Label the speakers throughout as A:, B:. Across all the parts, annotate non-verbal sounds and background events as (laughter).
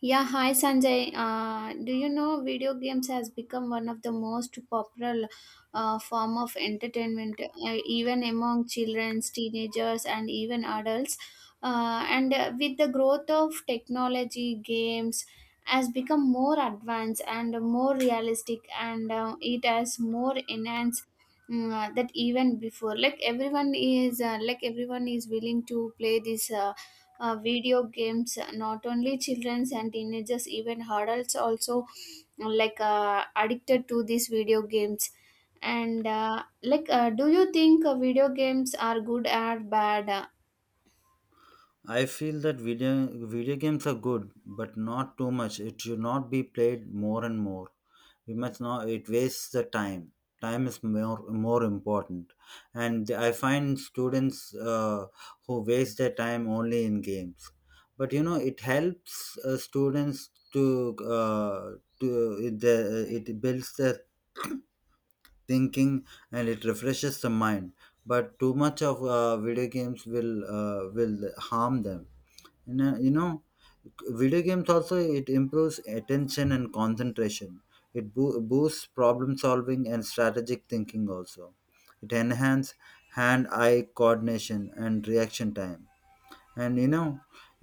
A: Yeah, hi Sanjay. Do you know video games has become one of the most popular form of entertainment, even among children, teenagers, and even adults. And With the growth of technology, games has become more advanced and more realistic, and it has more enhanced that even before. Like everyone is willing to play this. Video games, not only childrens and teenagers, even adults also like addicted to these video games, and do you think video games are good or bad?
B: I feel that video games are good, but not too much. It should not be played more and more. We must not. It wastes the time. Time is more important, and I find students who waste their time only in games. But you know, it helps students to it, the, it builds their (coughs) thinking and it refreshes the mind. But too much of video games will harm them and, you know, video games also it improves attention and concentration. It boosts problem solving and strategic thinking also. It enhances hand-eye coordination and reaction time, and you know,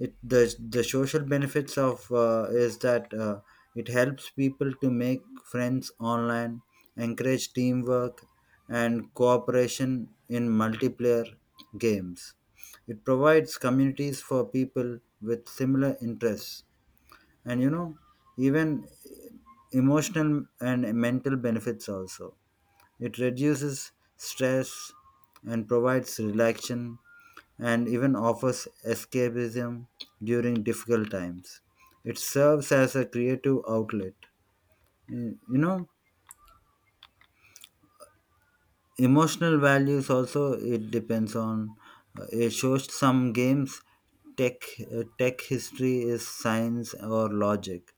B: it the social benefits of is that it helps people to make friends online, encourage teamwork and cooperation in multiplayer games. It provides communities for people with similar interests. And you know, even emotional and mental benefits also. It reduces stress and provides relaxation and even offers escapism during difficult times. It serves as a creative outlet. You know, emotional values also it depends on. It shows some games tech tech history is science or logic.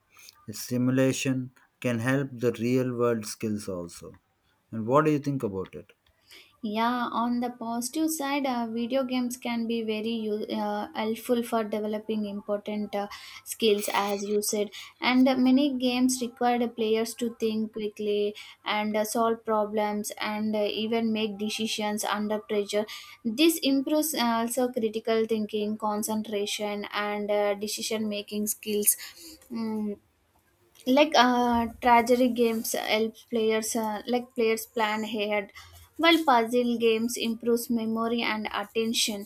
B: Simulation can help the real world skills also. And what do you think about it?
A: Yeah, on the positive side, video games can be very helpful for developing important skills, as you said. And many games require the players to think quickly and solve problems, and even make decisions under pressure. This improves also critical thinking, concentration, and decision making skills. Mm, Strategy games help players, like players plan ahead, while puzzle games improves memory and attention,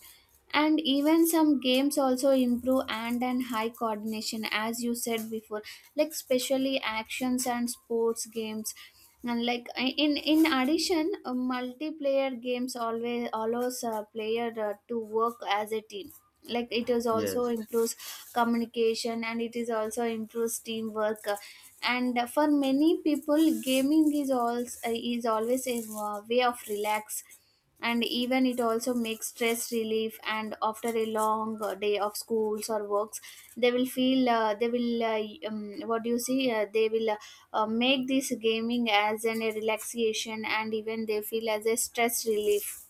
A: and even some games also improve hand and high coordination as you said before, like especially actions and sports games. And like in addition, multiplayer games always allows a player to work as a team. Like it is also
B: Yes.
A: improves communication, and it is also improves teamwork. And For many people, gaming is also is always a way of relax, and even it also makes stress relief, and after a long day of schools or works, they will feel they will what do you see they will make this gaming as an a relaxation, and even they feel as a stress relief.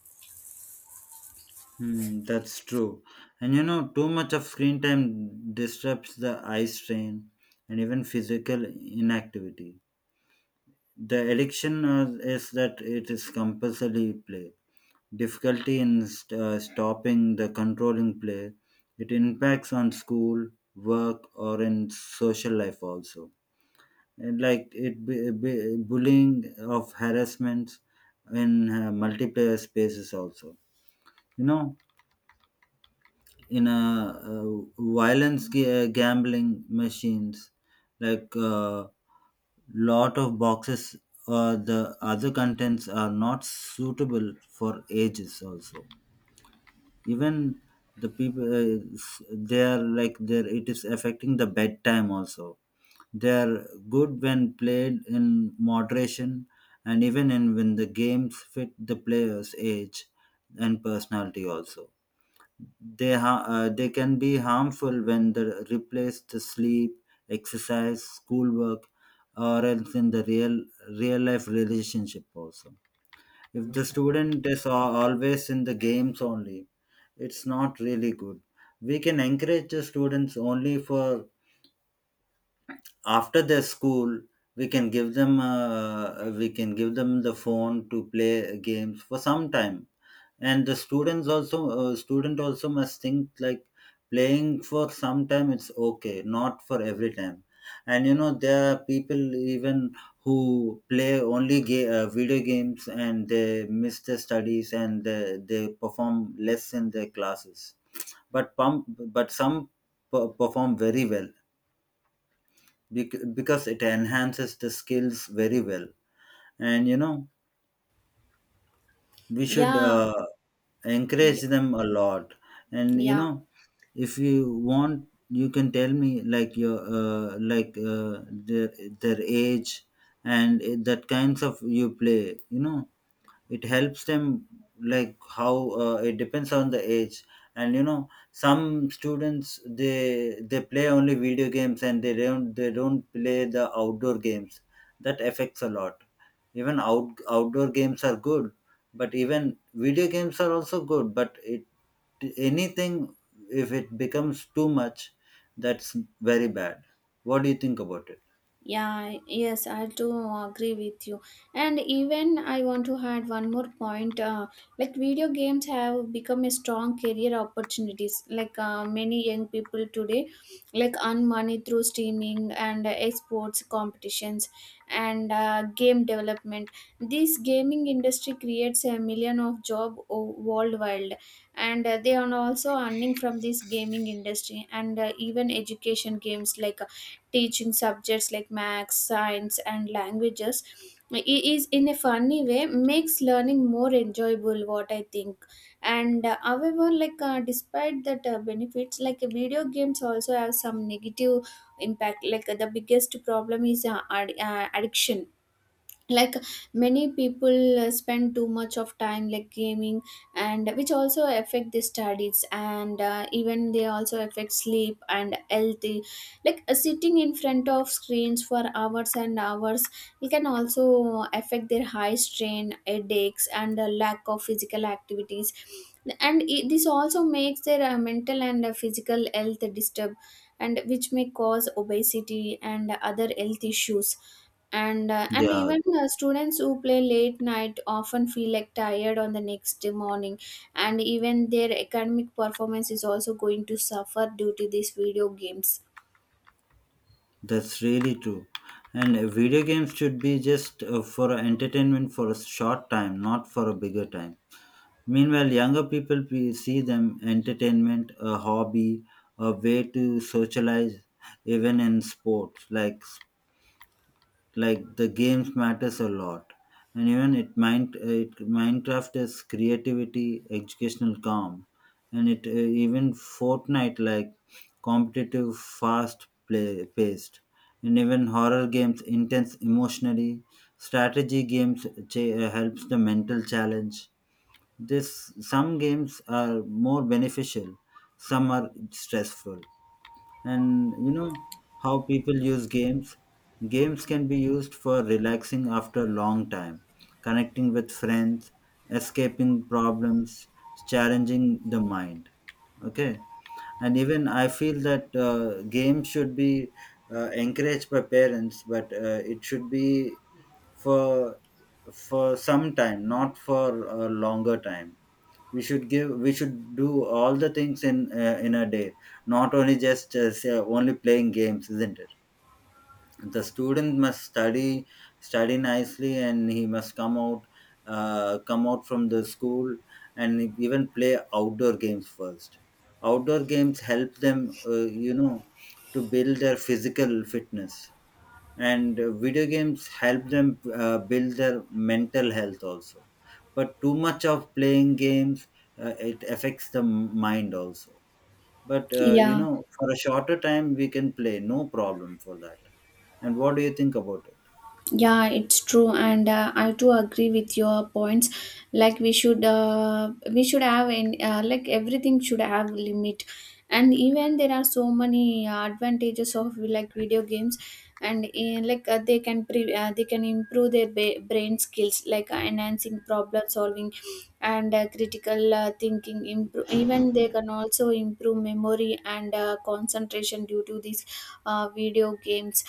B: Hmm, that's true. And you know, too much of screen time disrupts the eye strain and even physical inactivity. The addiction is that it is compulsory play. Difficulty in stopping the controlling play, it impacts on school, work, or in social life also. And like it bullying of harassments in multiplayer spaces also. You know, in a violence gambling machines like lot of boxes or the other contents are not suitable for ages also. Even the people they are like there it is affecting the bedtime also. They are good when played in moderation, and even in when the games fit the player's age and personality also. They can be harmful when they're replaced to sleep, exercise, schoolwork, or else in the real life relationship also. If the student is always in the games only, it's not really good. We can encourage the students only for after their school. We can give them the phone to play games for some time, and the students also student also must think like playing for some time it's okay, not for every time. And you know, there are people even who play only video games and they miss their studies, and they perform less in their classes, but pump but some perform very well, because it enhances the skills very well. And you know, we should
A: Yeah,
B: encourage
A: y-
B: them a lot. And you
A: yeah.
B: know, if you want you can tell me like your their their age and that kinds of you play. You know, it helps them like how it depends on the age. And you know, some students they play only video games and they don't play the outdoor games. That affects a lot. Even outdoor games are good, but even video games are also good. But it, anything, if it becomes too much, that's very bad. What do you think about it?
A: Yeah, yes, I do agree with you. And even I want to add one more point. Like video games have become a strong career opportunities. Like many young people today, like earn money through streaming and sports competitions and game development. This gaming industry creates a million of job worldwide, and they are also earning from this gaming industry, and even education games like teaching subjects like maths, science and languages is in a funny way, makes learning more enjoyable, what I think. And however, despite that benefits, like video games also have some negative impact. Like the biggest problem is addiction. Like many people spend too much of time like gaming, and which also affect the studies, and even they also affect sleep and healthy. Like sitting in front of screens for hours and hours, it can also affect their high strain headaches and lack of physical activities, and this also makes their mental and physical health disturbed, and which may cause obesity and other health issues. And
B: Yeah.
A: even students who play late night often feel like tired on the next morning, and even their academic performance is also going to suffer due to these video games.
B: That's really true. And video games should be just for entertainment for a short time, not for a bigger time. Meanwhile, younger people we see them entertainment, a hobby, a way to socialize, even in sports like the games matters a lot. And even it mind it minecraft is creativity educational calm, and it even fortnite like competitive fast play paced, and even horror games intense emotionally, strategy games helps the mental challenge. This some games are more beneficial, some are stressful. And you know, how people use games, games can be used for relaxing after a long time, connecting with friends, escaping problems, challenging the mind. Okay. And even I feel that games should be encouraged by parents, but it should be for for some time, not for a longer time. We should do all the things in a day, not only just say, only playing games, isn't it? The student must study, study nicely, and he must come out, come out from the school, and even play outdoor games first. Outdoor games help them you know, to build their physical fitness, and video games help them build their mental health also. But too much of playing games, it affects the mind also. But you
A: Yeah.
B: know, for a shorter time we can play, no problem for that. And what do you think about it?
A: Yeah, it's true, and I too agree with your points. Like we should have in like everything should have limit, and even there are so many advantages of like video games, and in, like they can improve their brain skills, like enhancing problem solving and critical thinking. Improve, even they can also improve memory and concentration, due to this video games.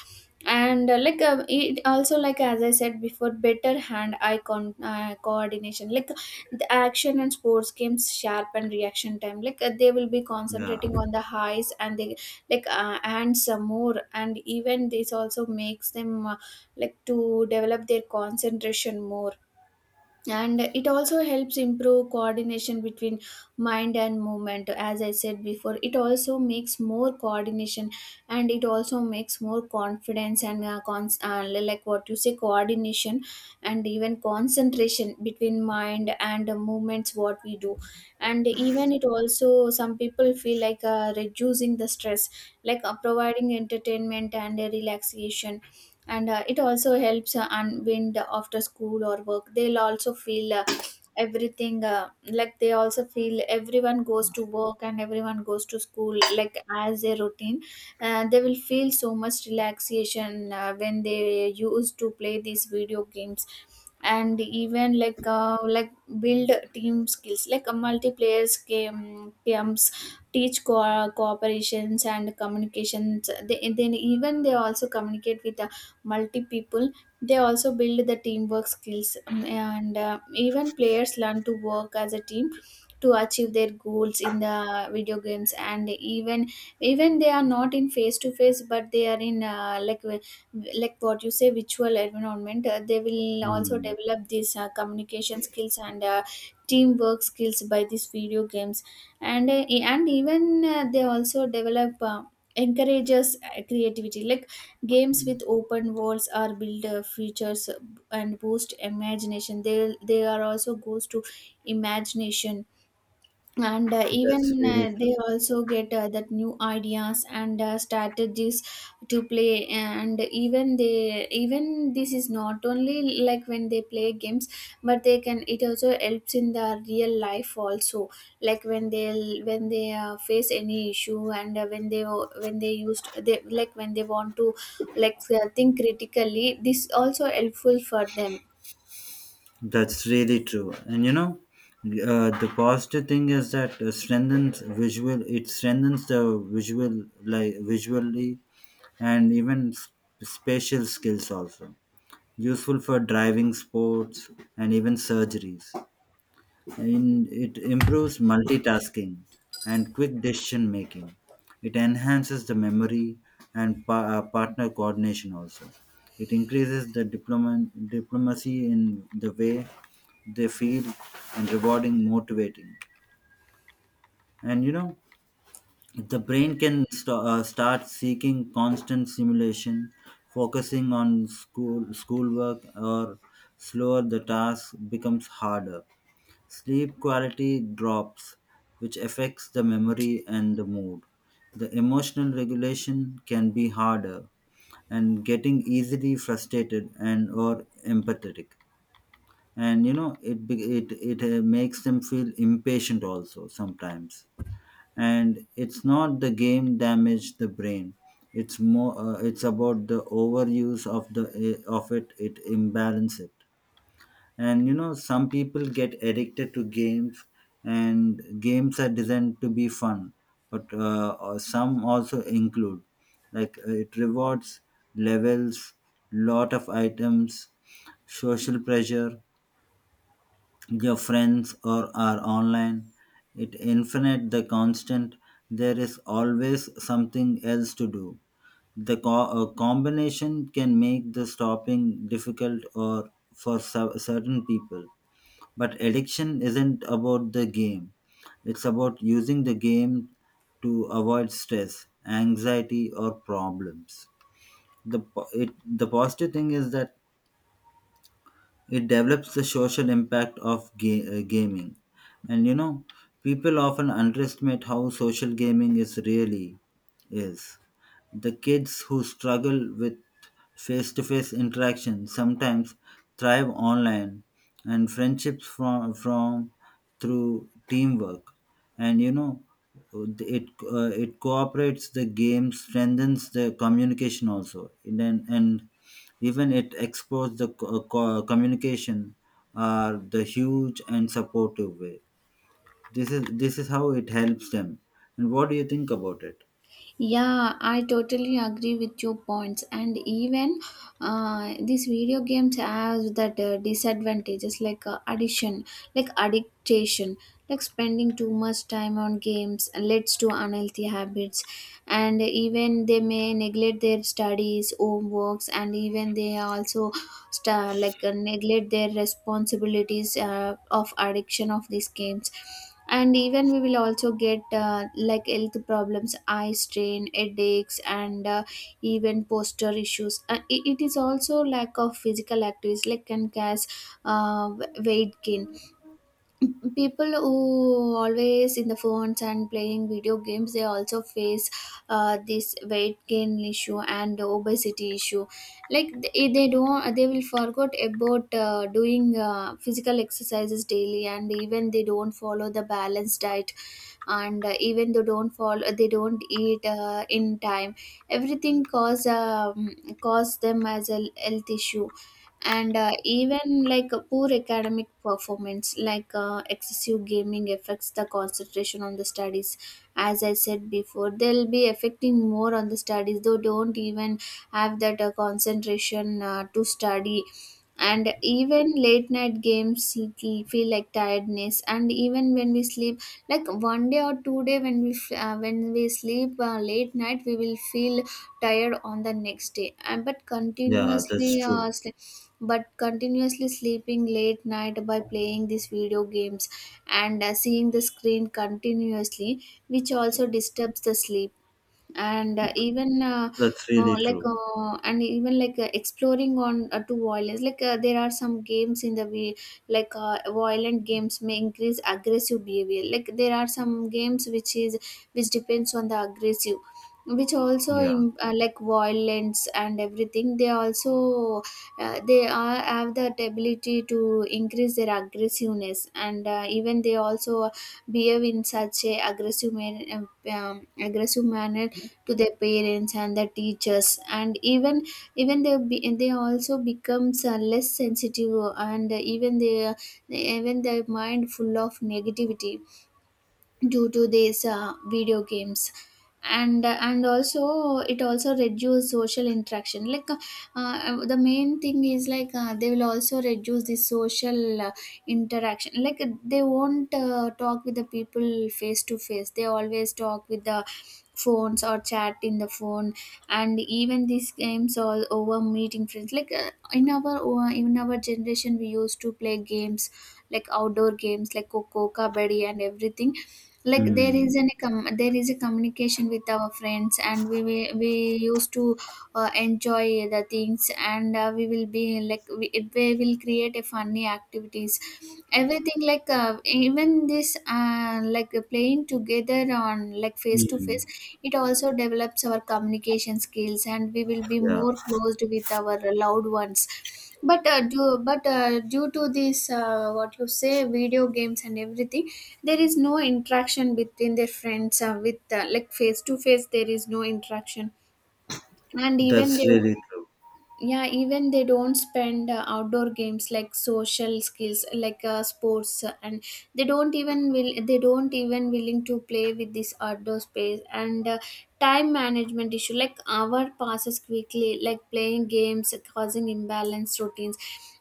A: And it also, like as I said before, better hand eye coordination, like the action and sports games sharpen reaction time. Like they will be
B: Yeah.
A: concentrating on the highs, and they like and some more. And even this also makes them like to develop their concentration more, and it also helps improve coordination between mind and movement, as I said before, it also makes more coordination. And it also makes more confidence and like what you say, coordination and even concentration between mind and the movements what we do. And even it also some people feel like reducing the stress, like providing entertainment and relaxation. And it also helps unwind after school or work. They'll also feel everything, like they also feel everyone goes to work and everyone goes to school like as a routine. They will feel so much relaxation when they used to play these video games. And even like build team skills, like a multiplayers games teach cooperations and communications. They then even they also communicate with multi people. They also build the teamwork skills, and even players learn to work as a team to achieve their goals in the video games. And even they are not in face to face, but they are in like what you say, virtual environment. They will also
B: Hmm.
A: develop these communication skills and teamwork skills by these video games. And and even they also develop, encourages creativity, like games with open worlds are build features and boost imagination. They are also goes to imagination, and
B: That's
A: even
B: really
A: they
B: true.
A: also get that new ideas and strategies to play. And even they, even this is not only like when they play games, but they can, it also helps in the real life also. Like when they, when they face any issue, and when they, when they used, they like when they want to like think critically, this also helpful for them.
B: That's really true. And you know, the positive thing is that strengthens visual. It strengthens the visual, like visually, and even spatial skills also. Useful for driving sports and even surgeries. In it improves multitasking and quick decision making. It enhances the memory and partner coordination also. It increases the diplomacy in the way they feel and rewarding motivating. And you know, the brain can start seeking constant stimulation, focusing on schoolwork, or slower the task becomes harder. Sleep quality drops, which affects the memory and the mood. The emotional regulation can be harder, and getting easily frustrated and or empathetic. And you know, it be- it makes them feel impatient also sometimes. And it's not the game damage the brain. It's more it's about the overuse of the of it it imbalance it. And you know, some people get addicted to games, and games are designed to be fun, but some also include like it rewards, levels, lot of items, social pressure, your friends or are online, it infinite the constant, there is always something else to do. The combination can make the stopping difficult or for certain people. But addiction isn't about the game, it's about using the game to avoid stress, anxiety, or problems. The positive thing is that it develops the social impact of gaming. And you know, people often underestimate how social gaming is really is. The kids who struggle with face to face interaction sometimes thrive online, and friendships from through teamwork. And you know, it it cooperates the game strengthens the communication also. And even it exposed the communication are the huge and supportive way. This is how it helps them. And what do you think about it?
A: Yeah, I totally agree with your points. And even these video games have that disadvantages, like addiction, like spending too much time on games leads to unhealthy habits. And even they may neglect their studies, homeworks, and even they also sta like neglect their responsibilities of addiction of these games. And even we will also get like health problems, eye strain, headaches, and even posture issues. It is also lack of physical activities, like can cause uh, weight gain. People who always in the phones and playing video games, they also face this weight gain issue and obesity issue, like they don't, they will forget about doing physical exercises daily, and even they don't follow the balanced diet, and even they don't follow, they don't eat in time, everything cause cause them as a health issue. And even like a poor academic performance, like excessive gaming affects the concentration on the studies, as I said before, they'll be affecting more on the studies. They don't even have that concentration to study. And even late night games feel like tiredness, and even when we sleep, like one day or two day, when we when we sleep late night, we will feel tired on the next day. And but
B: Yeah,
A: continuously
B: that's
A: uh,
B: true.
A: sleep but continuously sleeping late night by playing these video games and seeing the screen continuously, which also disturbs the sleep. And even
B: That's really
A: like
B: true.
A: and even like exploring on to violence, like there are some games in the way, like violent games may increase aggressive behavior, like there are some games which is which depends on the aggressive, which also
B: Yeah.
A: like violence and everything they also they are have the ability to increase their aggressiveness, and even they also behave in such a um, aggressive manner to their parents and the teachers. And even they also becomes less sensitive, and even they, even their mind full of negativity due to these video games. And also it also reduce social interaction. Like the main thing is like they will also reduce the social interaction, like they won't talk with the people face to face, they always talk with the phones or chat in the phone. And even these games all over meeting friends, like in our in our generation we used to play games like outdoor games like coco kabaddi and everything, like there
B: Mm.
A: is an there is a communication with our friends, and we we used to enjoy the things. And we will be like we, we will create a funny activities, everything, like even this playing together on like face to
B: Mm.
A: face, it also develops our communication skills, and we will be
B: Yeah.
A: more closed with our loved ones. But due to this what you say video games and everything, there is no interaction between their friends with, Like face to face, there is no interaction. And even
B: That's
A: they,
B: really true.
A: yeah, even they don't spend outdoor games like social skills like sports and they don't even will they don't even willing to play with this outdoor space and time management issue, like hour passes quickly, like playing games causing imbalance routines.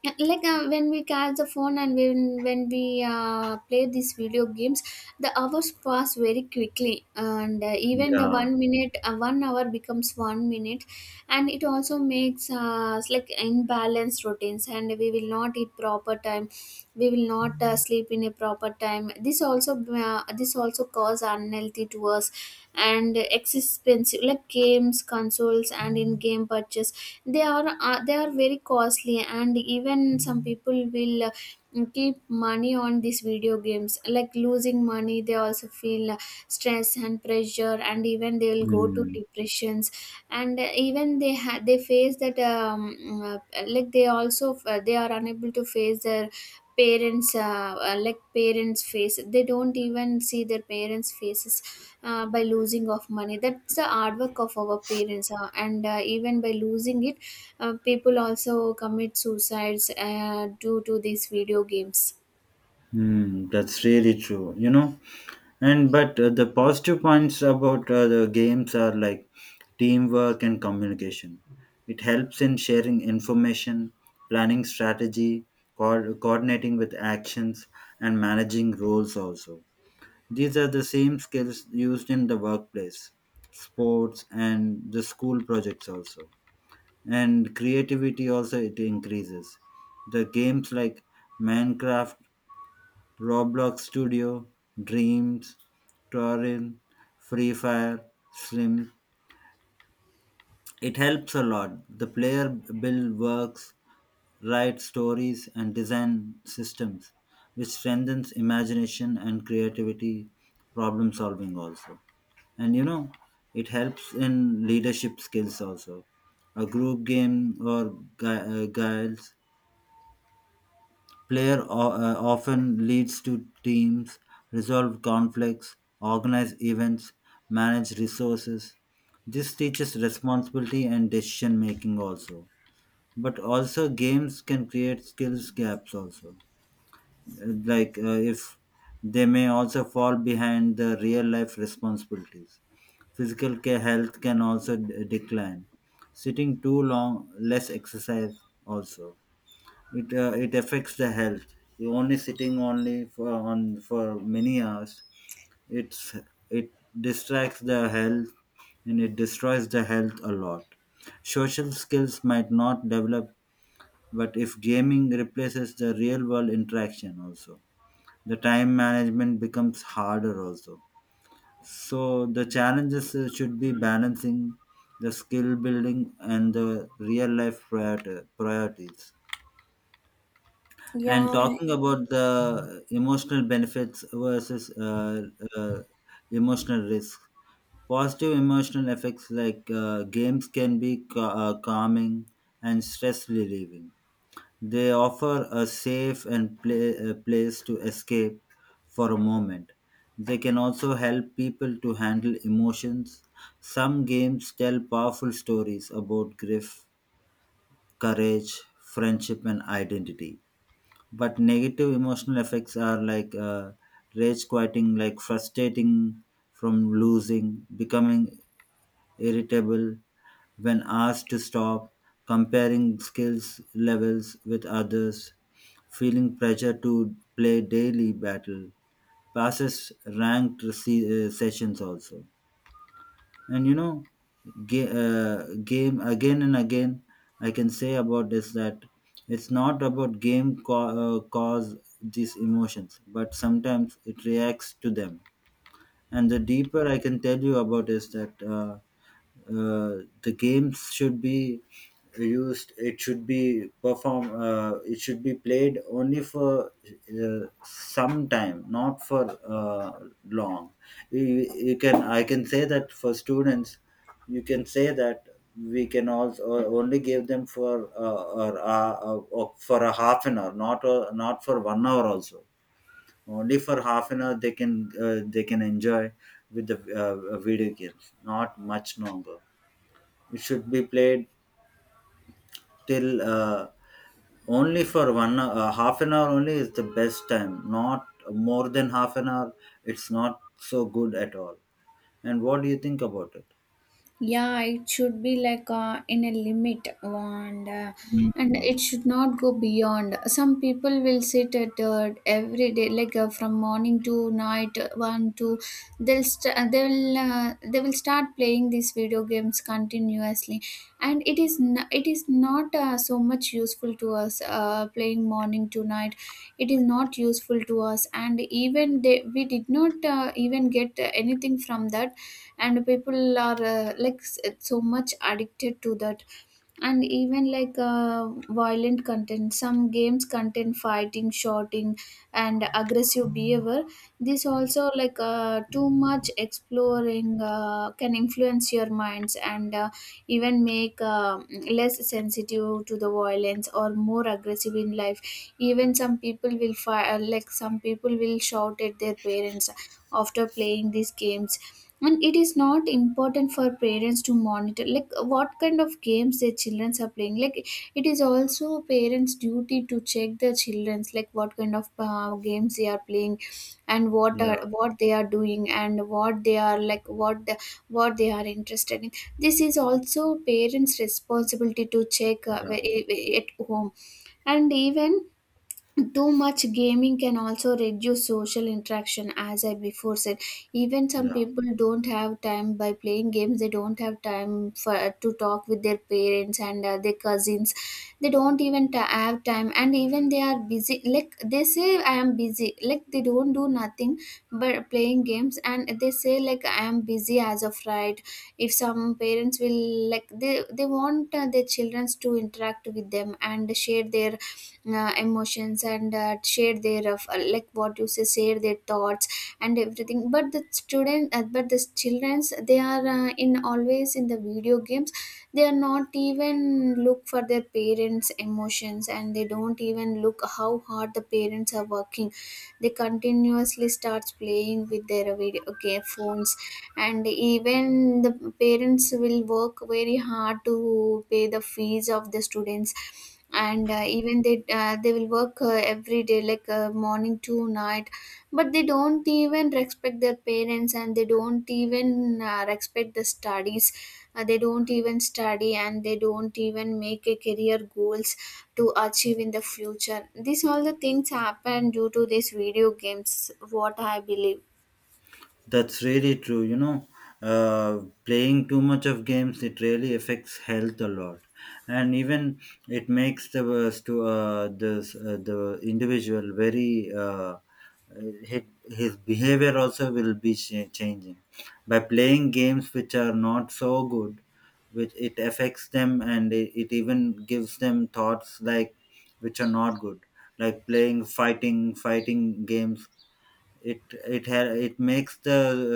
A: When we catch the phone and when we play these video games, the hours pass very quickly. And even the
B: Yeah.
A: one minute, one hour becomes one minute. And it also makes us like imbalanced routines, and we will not eat proper time, we will not sleep in a proper time. This also, this also cause unhealthy to us. And expensive, like games consoles and in game purchase, they are very costly. And even some people will and keep money on these video games. Like losing money, they also feel stress and pressure, and even they will go to
B: Mm.
A: depressions. And even they face that uh, like they also they are unable to face their parents. Like parents' face, they don't even see their parents' faces, by losing of money. That's the hard work of our parents, and even by losing it, people also commit suicides due to these video games.
B: Mm. That's really true. You know, and but the positive points about the games are like teamwork and communication. It helps in sharing information, planning strategy, coordinating with actions, and managing roles also. These are the same skills used in the workplace, sports and the school projects also. And creativity also it increases, the games like Minecraft, Roblox Studio, Dreams, Torin, Free Fire, Slim. It helps a lot. The player build works, write stories, and design systems, which strengthens imagination and creativity, problem solving also. And you know, it helps in leadership skills also. A group game or guides player often leads to teams, resolve conflicts, organize events, manage resources. This teaches responsibility and decision making also. But also games can create skills gaps also. Like if they may also fall behind the real life responsibilities. Physical care health can also decline. Sitting too long, less exercise also, it it affects the health. You only sitting only for on for many hours, it's, it distracts the health, and it destroys the health a lot. Social skills might not develop, but if gaming replaces the real world interaction also, the time management becomes harder also. So the challenges should be balancing the skill building and the real life priorities. And
A: Yeah,
B: talking about the emotional benefits versus uh, emotional risk, positive emotional effects like games can be calming and stress relieving. They offer a safe and place to escape for a moment. They can also help people to handle emotions. Some games tell powerful stories about grief, courage, friendship, and identity. But negative emotional effects are like rage quieting like frustrating from losing becoming irritable when asked to stop, comparing skills levels with others, feeling pressure to play daily battle passes, sessions also. And you know, game again and again, I can say about this that it's not about game cause these emotions, but sometimes it reacts to them. And the deeper I can tell you about is that the games should be used. It should be perform. It should be played only for some time, not for long. You can. I can say that for students, you can say that we can also only give them for or for a half an hour, not not for 1 hour also. Only for half an hour they can enjoy with the video games, not much longer. It should be played till only for one half an hour only is the best time, not more than half an hour. It's not so good at all. And what do you think about it?
A: yeah, it should be like in a limit, and and
B: Mm.
A: it should not go beyond. Some people will sit at every day like from morning to night, one to they'll st- they'll they will start playing these video games continuously. And it is it is not so much useful to us, playing morning to night, it is not useful to us. And even they we did not even get anything from that. And people are like so much addicted to that. And even like violent content, some games contain fighting, shouting and aggressive behavior. This also, like too much exploring can influence your minds and even make less sensitive to the violence or more aggressive in life. Even some people will fire, like some people will shout at their parents after playing these games. And it is not important for parents to monitor like what kind of games their children are playing. Like it is also parents duty to check their children's, like what kind of games they are playing and
B: Yeah.
A: what they are doing and what they are, like what what they are interested in. This is also parents responsibility to check
B: Yeah.
A: at home. And even too much gaming can also reduce social interaction, as I before said. Even some
B: Yeah.
A: people don't have time by playing games. They don't have time for to talk with their parents and their cousins. They don't even have time, and even they are busy. Like they say, I am busy. Like they don't do nothing but playing games, and they say like I am busy as of right. If some parents will, like they want their children to interact with them and share their emotions and share their of, like what you say, share their thoughts and everything. But the student but the childrens, they are in always in the video games. They are not even look for their parents emotions, and they don't even look how hard the parents are working. They continuously starts playing with their video game phones. And even the parents will work very hard to pay the fees of the students, and even they will work every day like morning to night. But they don't even respect their parents, and they don't even respect the studies. They don't even study, and they don't even make a career goals to achieve in the future. These all the things happen due to these video games, what I believe.
B: That's really true. You know, playing too much of games it really affects health a lot, and even it makes the to the the individual very his, his behavior also will be changing by playing games which are not so good, which it affects them, and it even gives them thoughts like which are not good, like playing fighting games. It it makes the uh,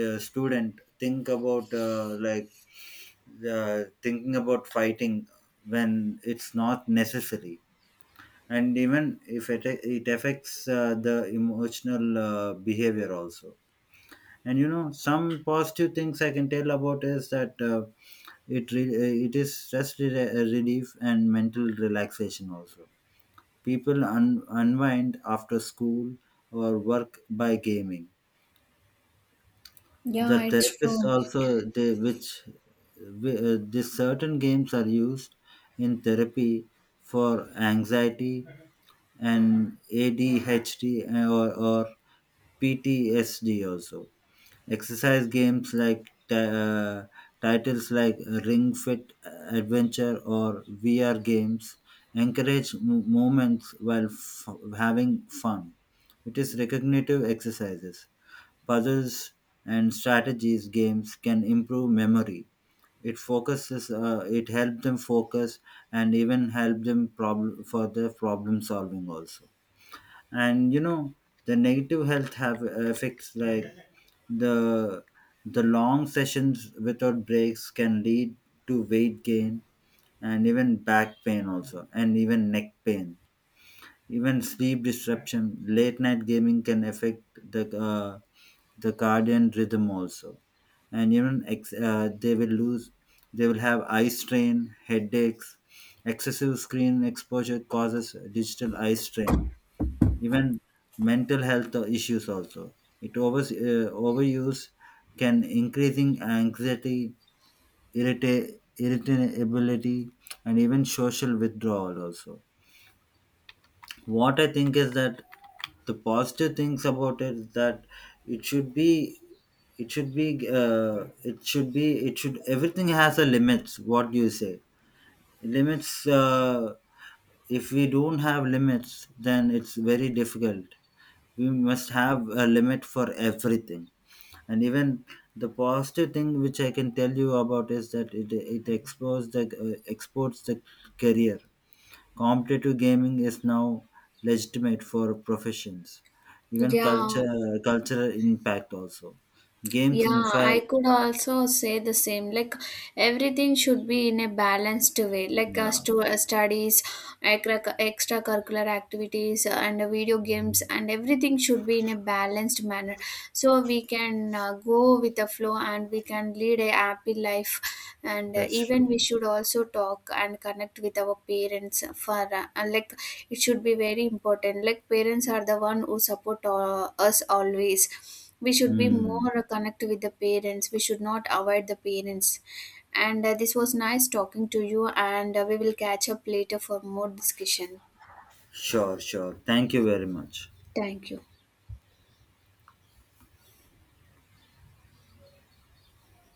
B: uh, student think about thinking about fighting when it's not necessary. And even if it it affects the emotional behavior also. And you know, some positive things I can tell about is that it is stress relief and mental relaxation also. People unwind after school or work by gaming. The
A: Yeah, it's
B: therapists
A: true.
B: also they which these certain games are used in therapy for anxiety and adhd, or ptsd also. Exercise games like titles like ring fit adventure or vr games encourage moments while having fun. It is recognitive exercises, puzzles, and strategies games can improve memory. It focuses it helps them focus and even help them problem for the problem solving also. And you know, the negative health have effects like the the long sessions without breaks can lead to weight gain, and even back pain also, and even neck pain, even sleep disruption. Late night gaming can affect the uh, the cardiac rhythm also, and even they will lose. They will have eye strain, headaches. Excessive screen exposure causes digital eye strain. Even mental health issues also. It overuse can increasing anxiety, irritability, and even social withdrawal also. What I think is that the positive things about it is that it should be it should be it should be it should everything has a limits, what do you say, limits if we don't have limits then it's very difficult. We must have a limit for everything. And even the positive thing which I can tell you about is that it explores the exports the career. Competitive gaming is now legitimate for professions, even
A: Yeah.
B: culture cultural impact also. Games, in
A: Yeah,
B: fact,
A: I could also say the same. Like everything should be in a balanced way, like
B: yeah,
A: studies, extracurricular activities, and video games, and everything should be in a balanced manner. So we can go with the flow and we can lead a happy life. And
B: that's
A: even we
B: true.
A: should also talk and connect with our parents for like it should be very important. Like parents are the one who support us always. We should be
B: Hmm.
A: more connected with the parents, we should not avoid the parents. And this was nice talking to you, and we will catch up later for more discussion.
B: Sure, sure. Thank you very much.
A: Thank you.